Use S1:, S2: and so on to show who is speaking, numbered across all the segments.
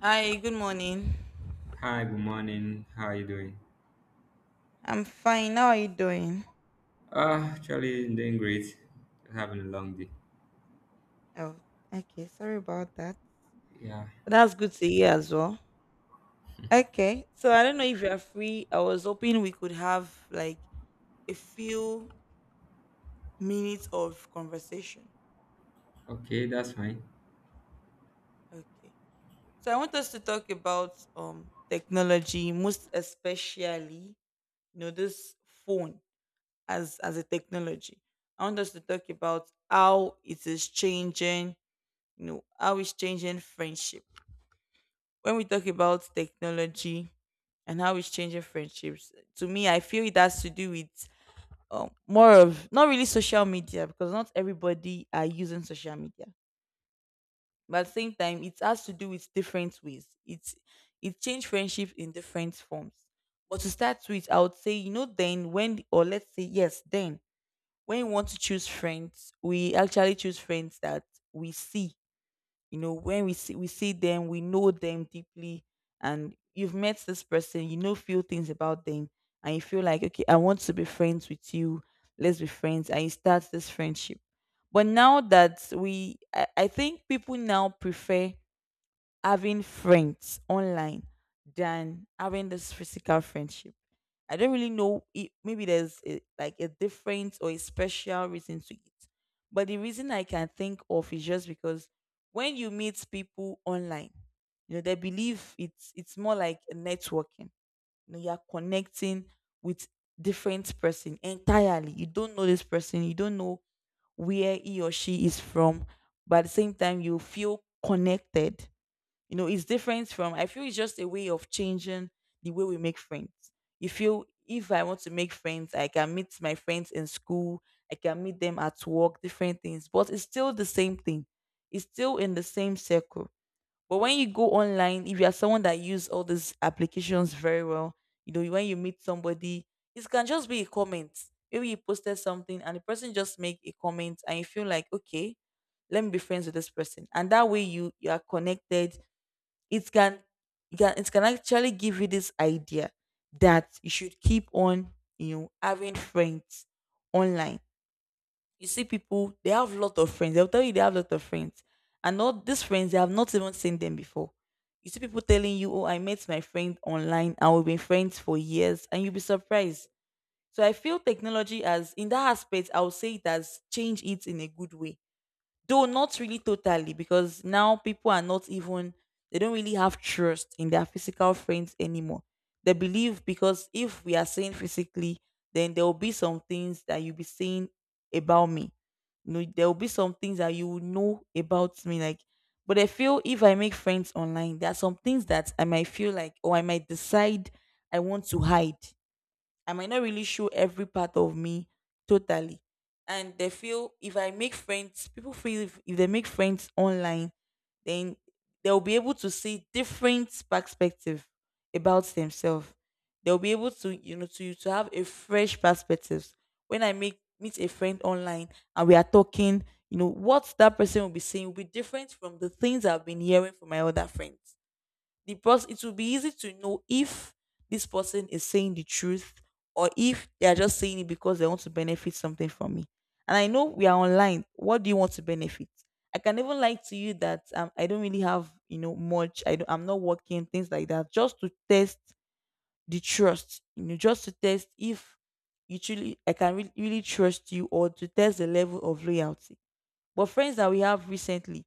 S1: Hi, good morning.
S2: Hi, good morning. How are you doing?
S1: I'm fine. How are you doing?
S2: Actually, I'm doing great. Having a long day.
S1: Oh, okay. Sorry about that.
S2: Yeah,
S1: But that's good to hear as well. Okay. So I don't know if you're free. I was hoping we could have like a few minutes of conversation.
S2: okay, that's fine.
S1: Okay. So I want us to talk about technology, most especially, this phone as a technology. I want us to talk about how it is changing, how it's changing friendship when we talk about technology and how it's changing friendships. To me, I feel it has to do with more of not really social media, because not everybody are using social media. But at the same time, it has to do with different ways. It changed friendships in different forms. But to start with, I would say, then when, or let's say, yes, then when you want to choose friends, we actually choose friends that we see. You know, when we see, we see them, we know them deeply, and you've met this person, you know few things about them, and you feel like, okay, I want to be friends with you, let's be friends, and you start this friendship. But now that I think, people now prefer having friends online than having this physical friendship. I don't really know. Maybe there's like a different or a special reason to it. But the reason I can think of is just because when you meet people online, they believe it's more like a networking. You know, you're connecting with different person entirely. You don't know this person. You don't know where he or she is from. But at the same time, you feel connected. It's different. From i feel it's just a way of changing the way we make friends. You feel, if I want to make friends, I can meet my friends in school, I can meet them at work, different things, but it's still the same thing. It's still in the same circle. But when you go online, if you are someone that use all these applications very well, you know when you meet somebody, it can just be a comment. Maybe you posted something and the person just make a comment and you feel like, okay, let me be friends with this person, and that way you are connected. It can it can it can actually give you this idea that you should keep on having friends online. You see people, they have a lot of friends, they'll tell you they have a lot of friends, and all these friends, they have not even seen them before. You see people telling you, oh, I met my friend online and we've been friends for years, and you'll be surprised. So I feel technology, as in that aspect, I would say it has changed it in a good way. Though not really totally, because now people are not even, they don't really have trust in their physical friends anymore. They believe, because if we are saying physically, then there will be some things that you'll be saying about me. You know, there will be some things that you will know about me. Like, but I feel if I make friends online, there are some things that I might feel like, or I might decide I want to hide. I might not really show every part of me totally. And they feel if I make friends, people feel if, they make friends online, then they'll be able to see different perspective about themselves. They'll be able to, you know, to have a fresh perspective. When I make meet a friend online and we are talking, what that person will be saying will be different from the things I've been hearing from my other friends. The person it will be easy to know if this person is saying the truth, or if they are just saying it because they want to benefit something from me. And I know we are online. What do you want to benefit? I can even lie to you that I don't really have much. I'm not working, things like that, just to test the trust. You know, just to test if you truly I can really trust you, or to test the level of loyalty. But friends that we have recently,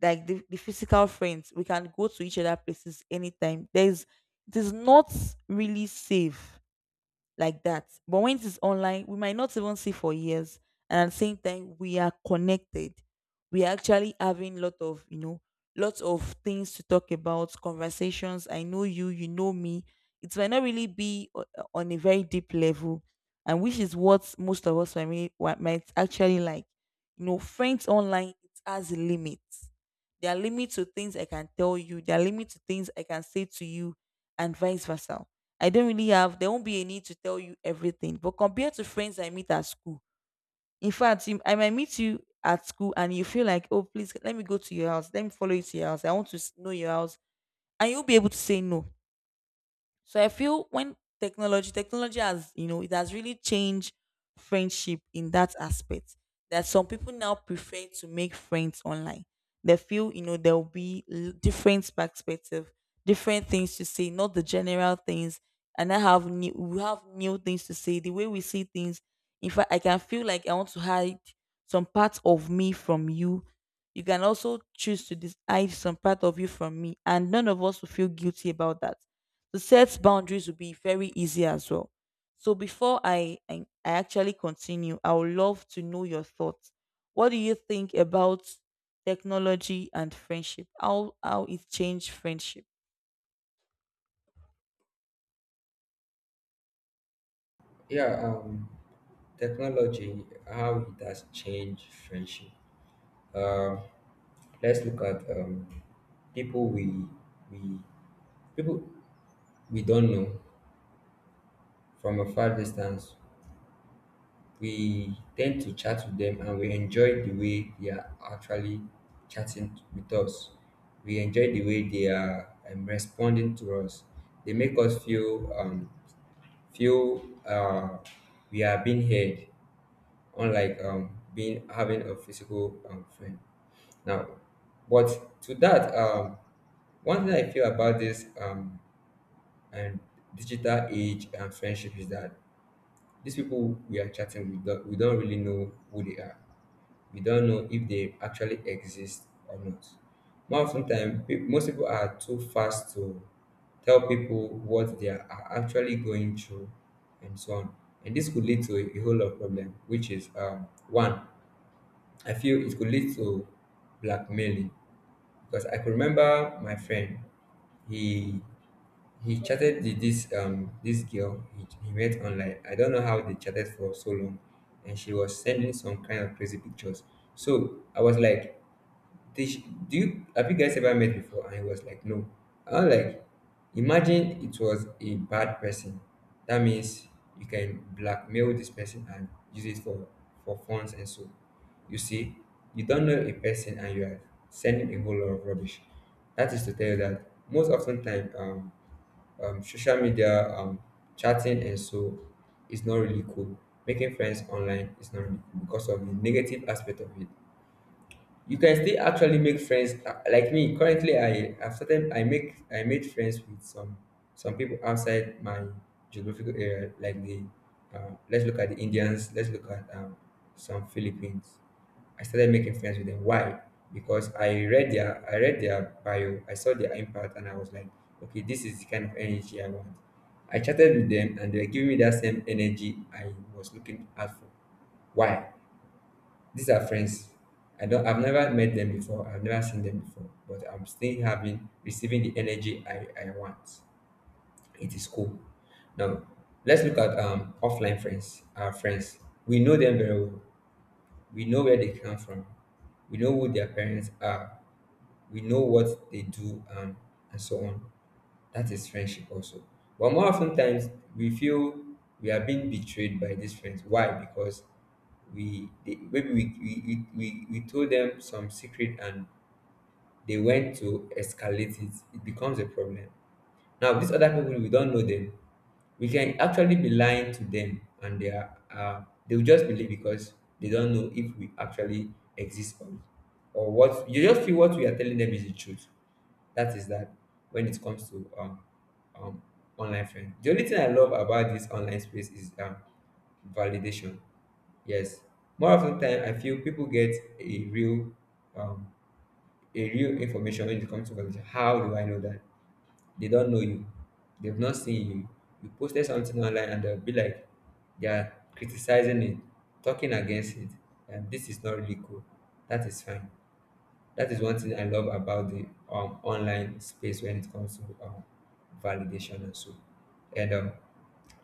S1: like the physical friends, we can go to each other places anytime. There's it is not really safe like that. But when it is online, we might not even see for years, and at the same time, we are connected. We are actually having lots of things to talk about, conversations. I know you, you know me. It might not really be on a very deep level, and which is what most of us might actually like. You know, friends online, it has limits. There are limits to things I can tell you. There are limits to things I can say to you, and vice versa. I don't really have, there won't be a need to tell you everything. But compared to friends I meet at school, in fact, I might meet you at school, and you feel like, oh, please, let me go to your house. Let me follow you to your house. I want to know your house. And you'll be able to say no. So I feel, technology it has really changed friendship in that aspect. That some people now prefer to make friends online. They feel, there will be different perspective, different things to say, not the general things. And we have new things to say. The way we see things, in fact, I can feel like I want to hide some part of me from you. You can also choose to hide some part of you from me, and none of us will feel guilty about that. To set boundaries would be very easy as well. So before I actually continue, I would love to know your thoughts. What do you think about technology and friendship? How it changed friendship?
S2: Yeah, um, Technology, how it has changed friendship. Um, let's look at people we we people we don't know from a far distance. We tend to chat with them, and we enjoy the way they are actually chatting with us. We enjoy the way they are responding to us. They make us feel feel uh, we are being heard, unlike being having a physical friend. Now, but to that, one thing I feel about this and digital age and friendship is that these people we are chatting with, we don't really know who they are. We don't know if they actually exist or not. More often time, most people are too fast to tell people what they are actually going through and so on. And this could lead to a whole lot of problem, which is, one, I feel it could lead to blackmailing, because I could remember my friend, he he chatted with this this girl he met online. I don't know how they chatted for so long, and she was sending some kind of crazy pictures. So I was like, "Do you have you guys ever met before?" And he was like, "No." I was like, "Imagine it was a bad person. That means you can blackmail this person and use it for funds and so." You see, you don't know a person and you are sending a whole lot of rubbish. That is to tell you that most often time, social media, chatting, and so it's not really cool. Making friends online is not really cool because of the negative aspect of it. You can still actually make friends, like me currently. I i've started i make i made friends with some people outside my geographical area, like the let's look at the Indians, let's look at some Philippines. I started making friends with them. Why? Because I read their bio, I saw their impact, and I was like, okay, this is the kind of energy I want. I chatted with them and they were giving me that same energy I was looking out for. Why? These are friends. I've never met them before. I've never seen them before. But I'm still having receiving the energy I want. It is cool. Now let's look at offline friends, our friends. We know them very well. We know where they come from. We know who their parents are. We know what they do, and so on. That is friendship also. But more often times we feel we are being betrayed by these friends. Why? Because maybe we told them some secret and they went to escalate it. It becomes a problem. Now these other people, we don't know them. We can actually be lying to them and they are, they'll just believe, because they don't know if we actually exist, or what. You just feel what we are telling them is the truth. That is that when it comes to um, online friends. The only thing I love about this online space is validation. Yes, more often time I feel people get a real, um, a real information when it comes to validation. How do I know that? They don't know you. They've not seen you. You posted something online and they'll be like, they are criticizing it, talking against it, and this is not really cool. That is fine. That is one thing I love about the online space when it comes to validation and so. And um,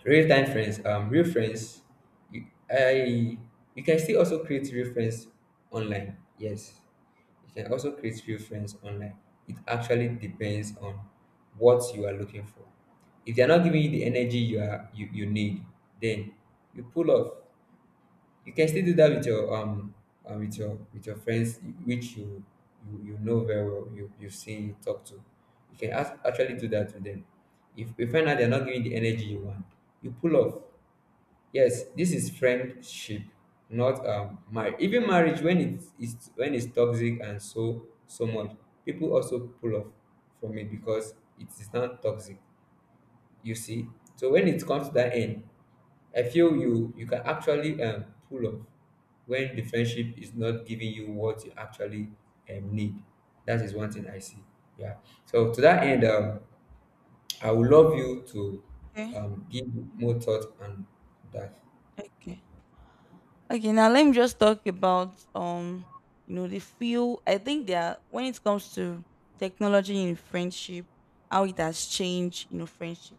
S2: real time friends, um, real friends, you, I you can still also create real friends online. Yes, you can also create real friends online. It actually depends on what you are looking for. If they are not giving you the energy you need, then you pull off. You can still do that with your with your friends which you, you know very well, you you've seen, you talk to. You can ask, actually do that to them. If you find out they're not giving the energy you want, you pull off. Yes, this is friendship, not marriage. Even marriage, when it is when it's toxic and so so much, people also pull off from it because it is not toxic. You see, so when it comes to that end, I feel you can actually pull off when the friendship is not giving you what you actually need. That is one thing I see. Yeah. So to that end, I would love you to
S1: Okay.
S2: give more thought on that.
S1: Okay. Okay, now let me just talk about the feel. I think that when it comes to technology in friendship, how it has changed, friendship.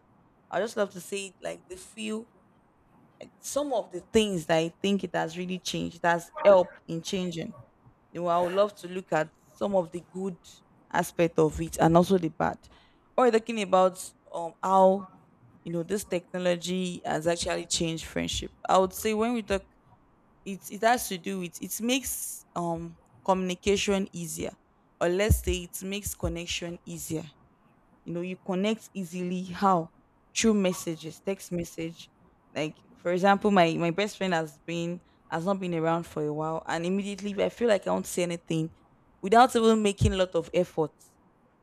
S1: I just love to say, like, the feel, some of the things that I think it has really changed, it has helped in changing. I would love to look at some of the good aspect of it and also the bad. Or talking about how this technology has actually changed friendship. I would say when we talk, it has to do with, it makes communication easier, or let's say it makes connection easier. You connect easily. How? Through messages, text message. Like for example, my best friend has not been around for a while, and immediately, if I feel like I won't say anything without even making a lot of effort,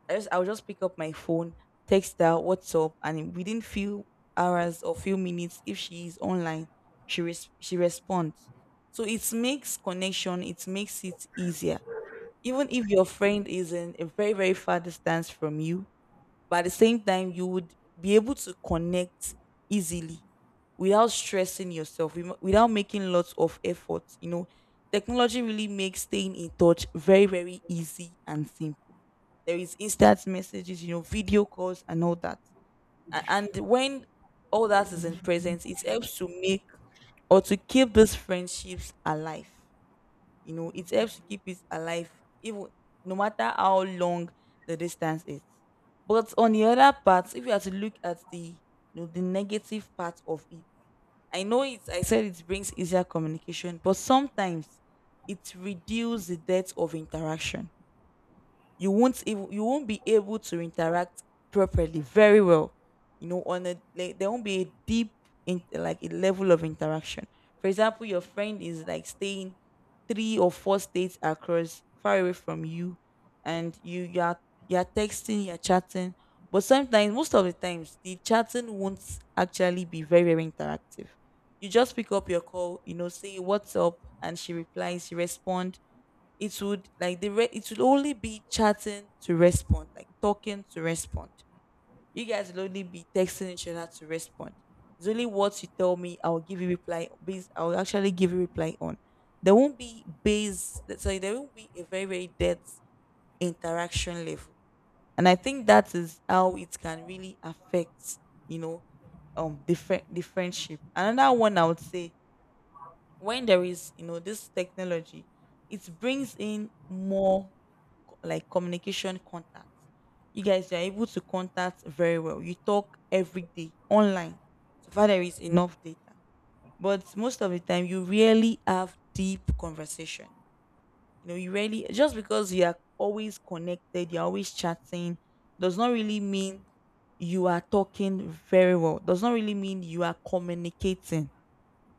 S1: I'll just pick up my phone, text her, WhatsApp, and within few hours or few minutes, if she is online, she responds. So it makes connection, it makes it easier. Even if your friend is in a very, very far distance from you, but at the same time, you would be able to connect easily without stressing yourself, without making lots of effort. Technology really makes staying in touch very, very easy and simple. There is instant messages, video calls and all that. And when all that is in presence, it helps to make or to keep those friendships alive. It helps to keep it alive, even no matter how long the distance is. But on the other part, if you are to look at the, the negative part of it, I know it. I said it brings easier communication, but sometimes it reduces the depth of interaction. You won't be able to interact properly very well. On a, like, there won't be a deep, in like a level of interaction. For example, your friend is like staying three or four states across, far away from you, and you're texting, you're chatting. But sometimes, most of the times, the chatting won't actually be very, very interactive. You just pick up your call, say what's up, and she replies, she responds. It would like the re- it would only be chatting to respond, like talking to respond. You guys will only be texting each other to respond. It's only what you tell me, I'll actually give you reply on. There won't be a very, very depth interaction level. And I think that is how it can really affect, you know, the friendship. Another one I would say, when there is this technology, it brings in more like communication contacts. You guys are able to contact very well, you talk every day online, so far there is enough data, but most of the time you really have deep conversation. You know, you really, just because you are always connected, you're always chatting, does not really mean you are talking very well, does not really mean you are communicating.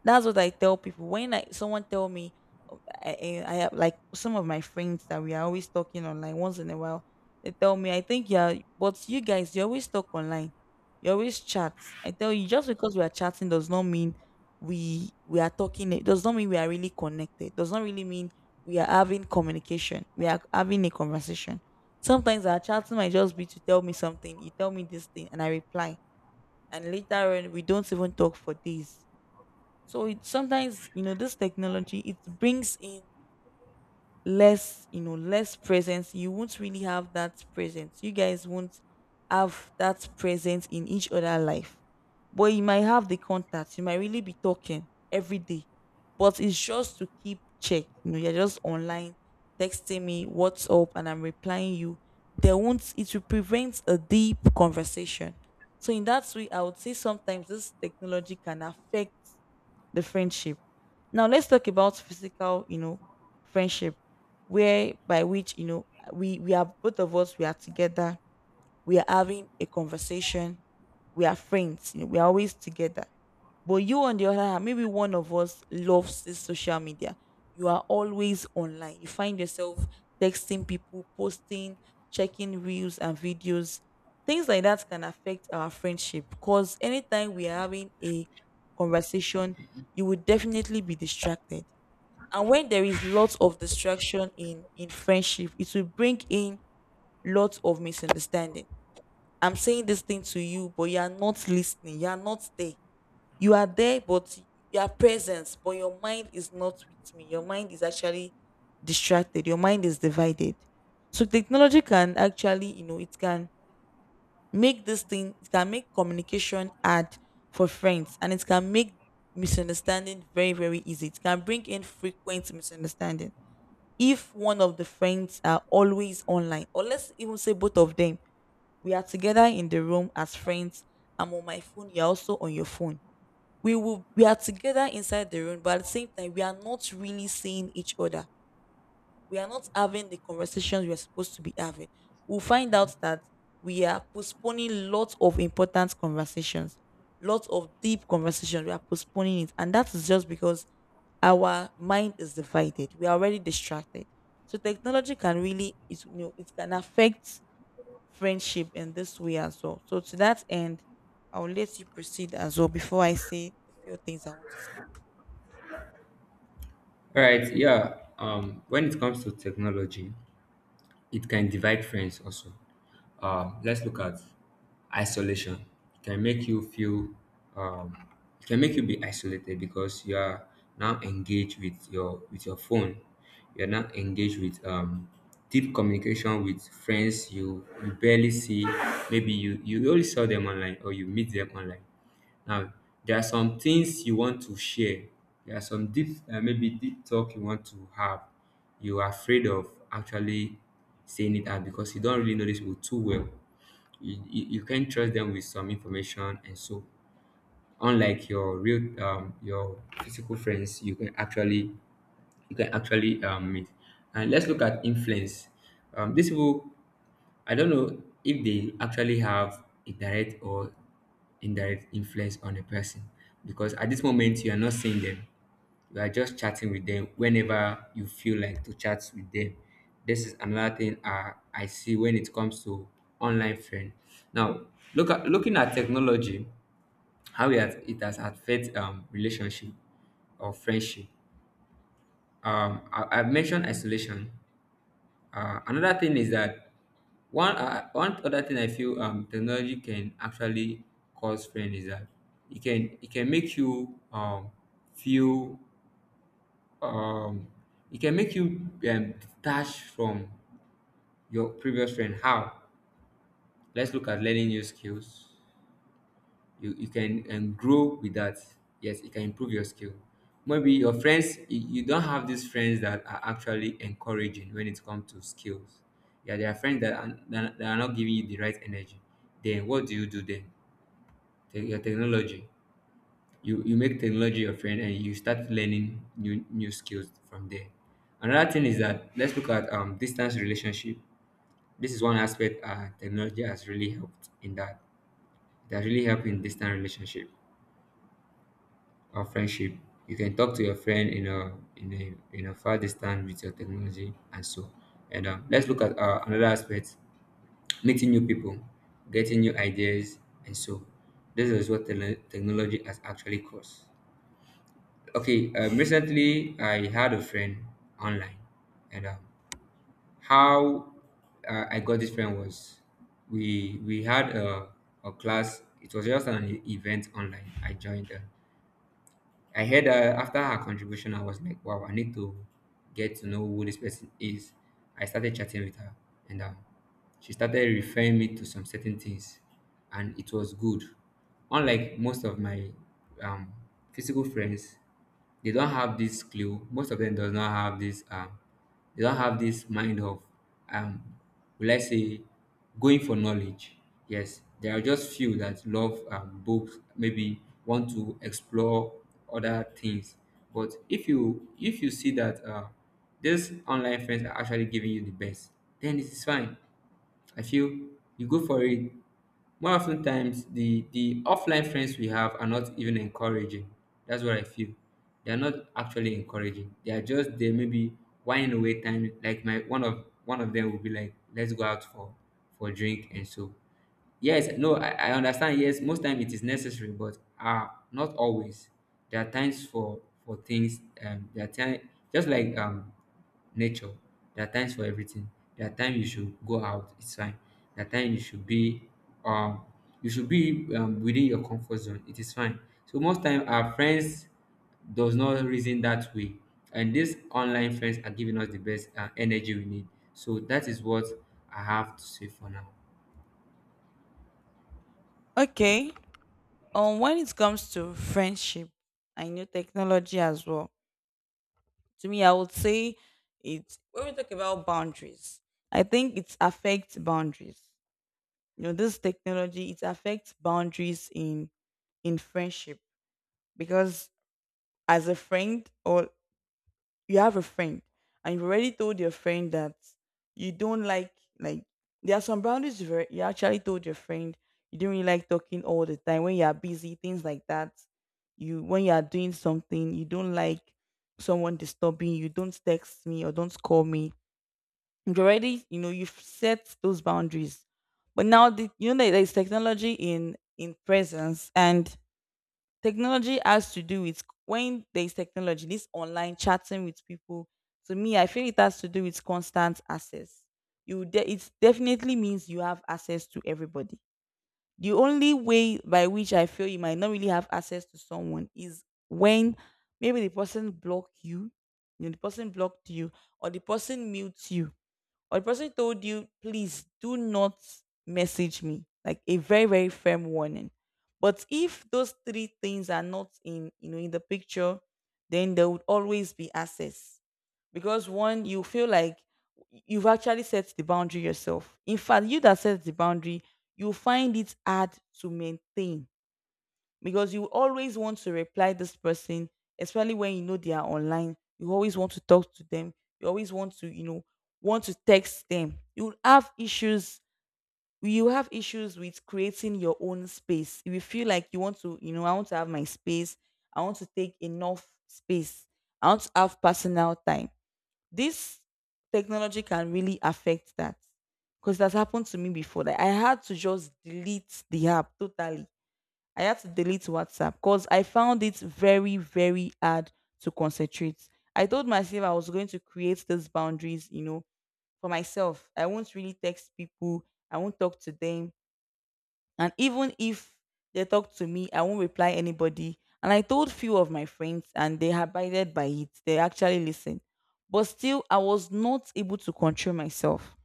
S1: That's what I tell people. When I someone tell me, oh, I have like some of my friends that we are always talking online once in a while. They tell me, I think, yeah, but you guys, you always talk online, you always chat. I tell you, just because we are chatting does not mean we are talking. It does not mean we are really connected. Does not really mean we are having communication, we are having a conversation. Sometimes our chatting might just be to tell me something. You tell me this thing, and I reply, and later on we don't even talk for days. So it sometimes, this technology, it brings in less, less presence. You won't really have that presence. You guys won't have that presence in each other life. But you might have the contact, you might really be talking every day. But it's just to keep check. You're just online texting me, what's up, and I'm replying you. They won't, it will prevent a deep conversation. So in that way, I would say sometimes this technology can affect the friendship. Now let's talk about physical, friendship, where by which, we are, both of us, we are together, we are having a conversation, we are friends, we are always together. But you, on the other hand, maybe one of us loves this social media. You are always online. You find yourself texting people, posting, checking reels and videos. Things like that can affect our friendship, because anytime we are having a conversation, you will definitely be distracted. And when there is lots of distraction in friendship, it will bring in lots of misunderstanding. I'm saying this thing to you, but you are not listening. You are not there, you are there, but you are present but your mind is not with me. Your mind is actually distracted, your mind is divided. So technology can actually, it can make this thing, it can make communication hard for friends, and it can make misunderstanding very, very easy. It can bring in frequent misunderstanding if one of the friends are always online, or let's even say both of them. We are together in the room as friends, I'm on my phone, you're also on your phone. We are together inside the room, but at the same time, we are not really seeing each other. We are not having the conversations we are supposed to be having. We'll find out that we are postponing lots of important conversations, lots of deep conversations. We are postponing it, and that is just because our mind is divided. We are already distracted. So technology can really, it can affect friendship in this way as well. So to that end, I'll let you proceed as well before I say the few things I want to say.
S2: All right. Yeah. When it comes to technology, it can divide friends also. Let's look at isolation. It can make you feel, um, it can make you be isolated because you are now engaged with your phone. You are now engaged with deep communication with friends you barely see. Maybe you only saw them online, or you meet them online. Now, there are some things you want to share. There are some deep, maybe deep talk you want to have. You are afraid of actually saying it out because you don't really know these people too well. You can trust them with some information, and so unlike your real, your physical friends, you can actually meet. And let's look at influence. These people, I don't know if they actually have a direct or indirect influence on a person, because at this moment you are not seeing them. You are just chatting with them whenever you feel like to chat with them. This is another thing I see when it comes to online friend. Now, looking at technology, how it has affected relationship or friendship. I've mentioned isolation. Another thing is that one other thing I feel technology can actually cause friend is that it can make you, feel um, it can make you detached from your previous friend. How? Let's look at learning new skills. You can grow with that. Yes, you can improve your skill. Maybe your friends, you don't have these friends that are actually encouraging when it comes to skills. Yeah, there are friends that are not giving you the right energy. Then what do you do then? Your technology, you make technology your friend and you start learning new skills from there. Another thing is that, let's look at distance relationship. This is one aspect technology has really helped in, that really helped in distant relationship or friendship. You can talk to your friend in a far distance with your technology and so. And let's look at, another aspect: meeting new people, getting new ideas, and so. This is what technology has actually caused. Okay, recently I had a friend online. And how I got this friend was, we had a class. It was just an event online I joined. I heard, after her contribution, I was like, wow, I need to get to know who this person is. I started chatting with her, and she started referring me to some certain things, and it was good. Unlike most of my um, physical friends, they don't have this clue. Most of them does not have this. They don't have this mind of um will I say going for knowledge. Yes, there are just few that love, books, maybe want to explore other things. But if you see that, these online friends are actually giving you the best, then it is fine. I feel you go for it. More often times, the offline friends we have are not even encouraging. That's what I feel. They are not actually encouraging. They are just there, maybe whining away time. Like my one of them will be like, let's go out for drink and so. Yes, no, I understand. Yes, most time it is necessary, but not always. There are times for things. There are time, just like nature. There are times for everything. There are times you should go out, it's fine. There are times you should be um you should be, within your comfort zone, it is fine. So most time our friends does not reason that way. And these online friends are giving us the best energy we need. So that is what I have to say for now.
S1: Okay. When it comes to friendship and new technology as well, to me I would say it. When we talk about boundaries, I think it affects boundaries. You know, this technology, it affects boundaries in friendship, because as a friend, or you have a friend, and you've already told your friend that you don't like, there are some boundaries you've you actually told your friend. You don't really like talking all the time when you are busy, things like that. You, when you are doing something, you don't like someone disturbing. You don't text me or don't call me. You've already, you've set those boundaries. But now there's technology in presence. And technology has to do with, when there's technology, this online chatting with people, to me, I feel it has to do with constant access. It definitely means you have access to everybody. The only way by which I feel you might not really have access to someone is when maybe the person block you, the person blocked you, or the person mutes you, or the person told you, please do not message me, like a very, very firm warning. But if those three things are not in, in the picture, then there would always be access. Because one, you feel like you've actually set the boundary yourself. In fact, you that set the boundary, you find it hard to maintain, because you always want to reply this person, especially when you know they are online. You always want to talk to them. You always want to, want to text them. You have issues. You have issues with creating your own space. If you feel like you want to, I want to have my space. I want to take enough space. I want to have personal time. This technology can really affect that, because that's happened to me before. That I had to just delete the app totally. I had to delete WhatsApp, because I found it very, very hard to concentrate. I told myself I was going to create those boundaries, for myself. I won't really text people, I won't talk to them. And even if they talk to me, I won't reply anybody. And I told few of my friends and they abided by it. They actually listened. But still I was not able to control myself,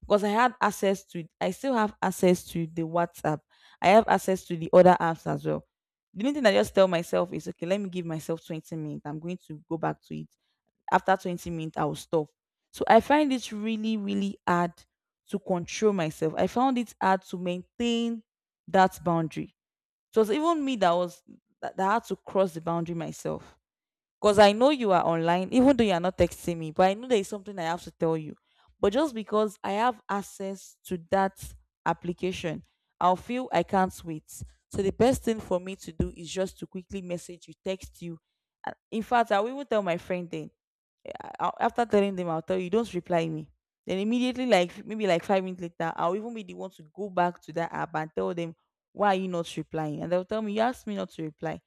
S1: because I had access to, I still have access to the WhatsApp. I have access to the other apps as well. The only thing I just tell myself is, okay, let me give myself 20 minutes. I'm going to go back to it. After 20 minutes, I will stop. So I find it really, really hard to control myself. I found it hard to maintain that boundary. So it was even me that was that had to cross the boundary myself. Because I know you are online, even though you are not texting me, but I know there is something I have to tell you. But just because I have access to that application, I'll feel I can't wait. So the best thing for me to do is just to quickly message you, text you. In fact, I will even tell my friend. Then after telling them, I'll tell you, don't reply me. Then immediately, like maybe like 5 minutes later, I'll even be the one to go back to that app and tell them, why are you not replying? And they'll tell me, you asked me not to reply.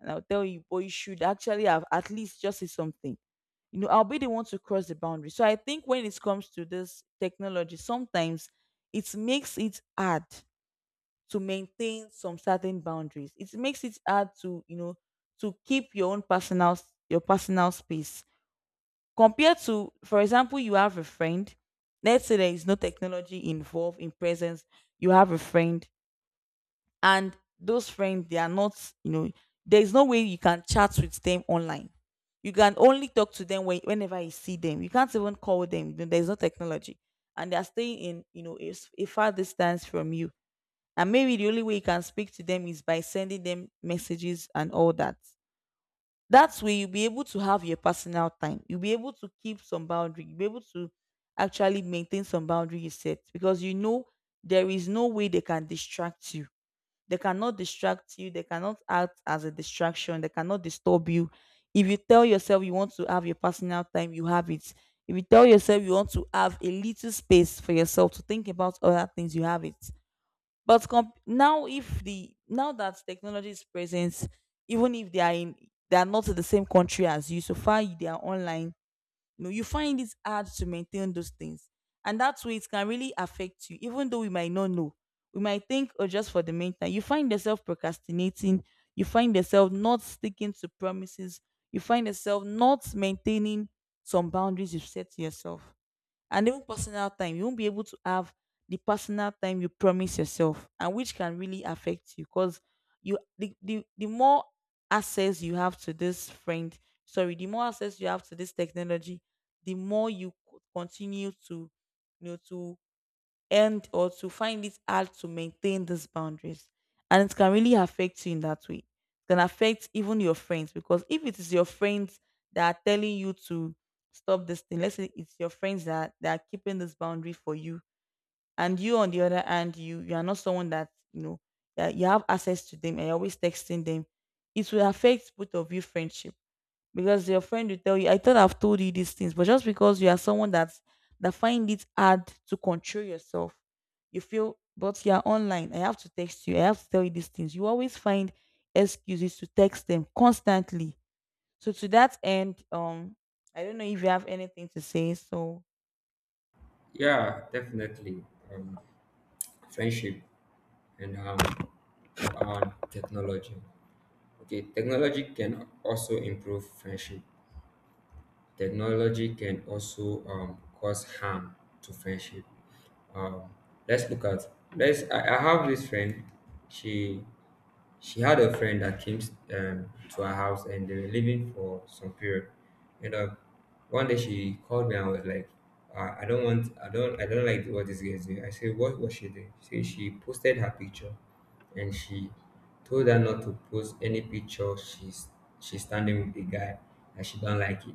S1: And I'll tell you, but you should actually have at least just say something. You know, I'll be the one to cross the boundary. So I think when it comes to this technology, sometimes it makes it hard to maintain some certain boundaries. It makes it hard to, to keep your own your personal space. Compared to, for example, you have a friend. Let's say there is no technology involved in presence. You have a friend, and those friends, they are not, you know, there is no way you can chat with them online. You can only talk to them when, whenever you see them. You can't even call them. There is no technology, and they are staying in, a, a far distance from you. And maybe the only way you can speak to them is by sending them messages and all that. That way, you'll be able to have your personal time. You'll be able to keep some boundary. You'll be able to actually maintain some boundary you set, because you know there is no way they can distract you. They cannot distract you. They cannot act as a distraction. They cannot disturb you. If you tell yourself you want to have your personal time, you have it. If you tell yourself you want to have a little space for yourself to think about other things, you have it. But comp- now, if the now that technology is present, even if they are in, they are not in the same country as you, so far they are online. You know, you find it hard to maintain those things, and that's where it can really affect you. Even though we might not know, we might think, oh, just for the meantime, you find yourself procrastinating. You find yourself not sticking to promises. You find yourself not maintaining some boundaries you've set to yourself, and even personal time, you won't be able to have the personal time you promise yourself, and which can really affect you, because you the more access you have to this friend, sorry, the more access you have to this technology, the more you continue to, to end, or to find it hard to maintain these boundaries. And it can really affect you in that way. It can affect even your friends, because if it is your friends that are telling you to stop this thing, let's say it's your friends that are keeping this boundary for you, and you on the other hand, you are not someone that, that you have access to them and you're always texting them, it will affect both of you friendship, because your friend will tell you, I thought I've told you these things, but just because you are someone that, find it hard to control yourself, you feel, but you are online, I have to text you, I have to tell you these things. You always find excuses to text them constantly. So to that end, I don't know if you have anything to say. So
S2: Yeah, definitely. Um, Friendship and technology. Okay, technology can also improve friendship. Technology can also cause harm to friendship. Um, let's look at let's. I have this friend. She she had a friend that came to her house and they were living for some period. And one day she called me and was like, "I don't want. I don't. I don't like what this girl is doing." I said, "What was she doing?" She said she posted her picture, and she told her not to post any picture. She's standing with the guy and she don't like it,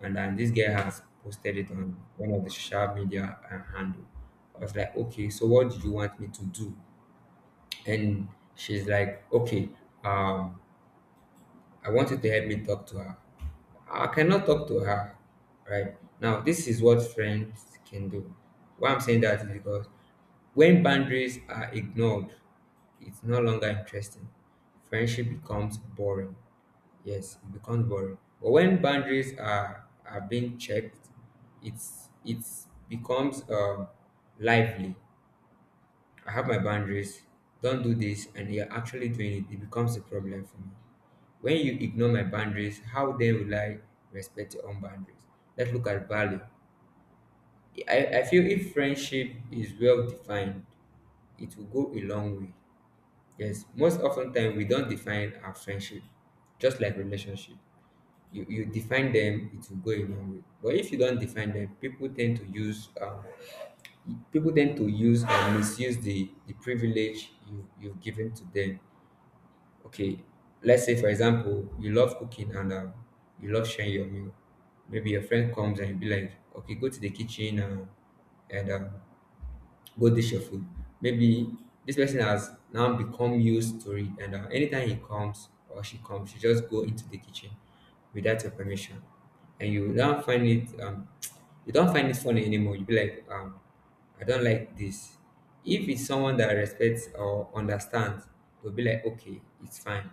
S2: and then this guy has posted it on one of the social media handle. I was like, okay, so what do you want me to do? And she's like, okay, um, I want you to help me talk to her. I cannot talk to her right now. This is what friends can do. Why I'm saying that is because when boundaries are ignored, it's no longer interesting. Friendship becomes boring. Yes, it becomes boring. But when boundaries are being checked, it becomes lively. I have my boundaries. Don't do this, and you're actually doing it, it becomes a problem for me. When you ignore my boundaries, how then will I respect your own boundaries? Let's look at value. I feel if friendship is well defined, it will go a long way. Yes, most often time we don't define our friendship, just like relationship. You define them, it will go a long way. But if you don't define them, people tend to use people tend to use or misuse the privilege you've given to them. Okay, let's say for example, you love cooking and you love sharing your meal. Maybe your friend comes and you be like, okay, go to the kitchen and and um, go dish your food. Maybe this person has now become used to it, and anytime he comes or she comes, she just go into the kitchen without your permission, and you don't find it you don't find it funny anymore. You be like I don't like this. If it's someone that respects or understands, they'll be like, okay, it's fine.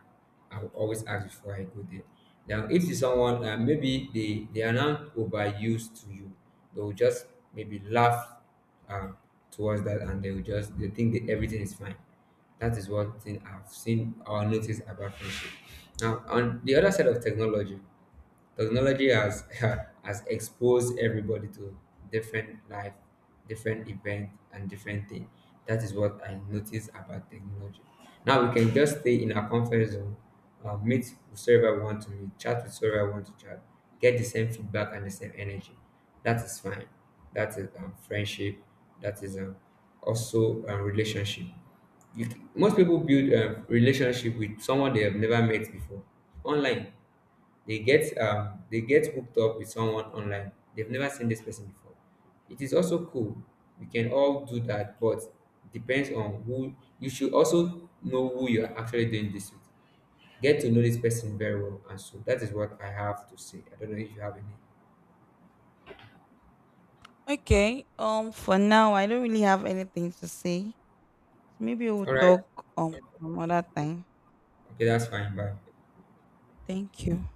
S2: I will always ask before I go there. Now, if it's someone, maybe they are not overused to you, they will just maybe laugh uh, towards that, and they will just, they think that everything is fine. That is one thing I've seen or noticed about friendship. Now, on the other side of technology, technology has has exposed everybody to different life, different event, and different thing. That is what I notice about technology. Now we can just stay in our comfort zone, meet whosoever we want to meet, chat with whosoever we want to chat, get the same feedback and the same energy. That is fine. That is friendship. That is also relationship. You, most people build a relationship with someone they have never met before online. They get they get hooked up with someone online, they've never seen this person before. It is also cool, we can all do that, but depends on who. You should also know who you are actually doing this with. Get to know this person very well. And so that is what I have to say. I don't know if you have any.
S1: okay, for now I don't really have anything to say. Maybe we'll
S2: All right.
S1: talk some other time.
S2: Okay, that's fine. Bye.
S1: Thank you.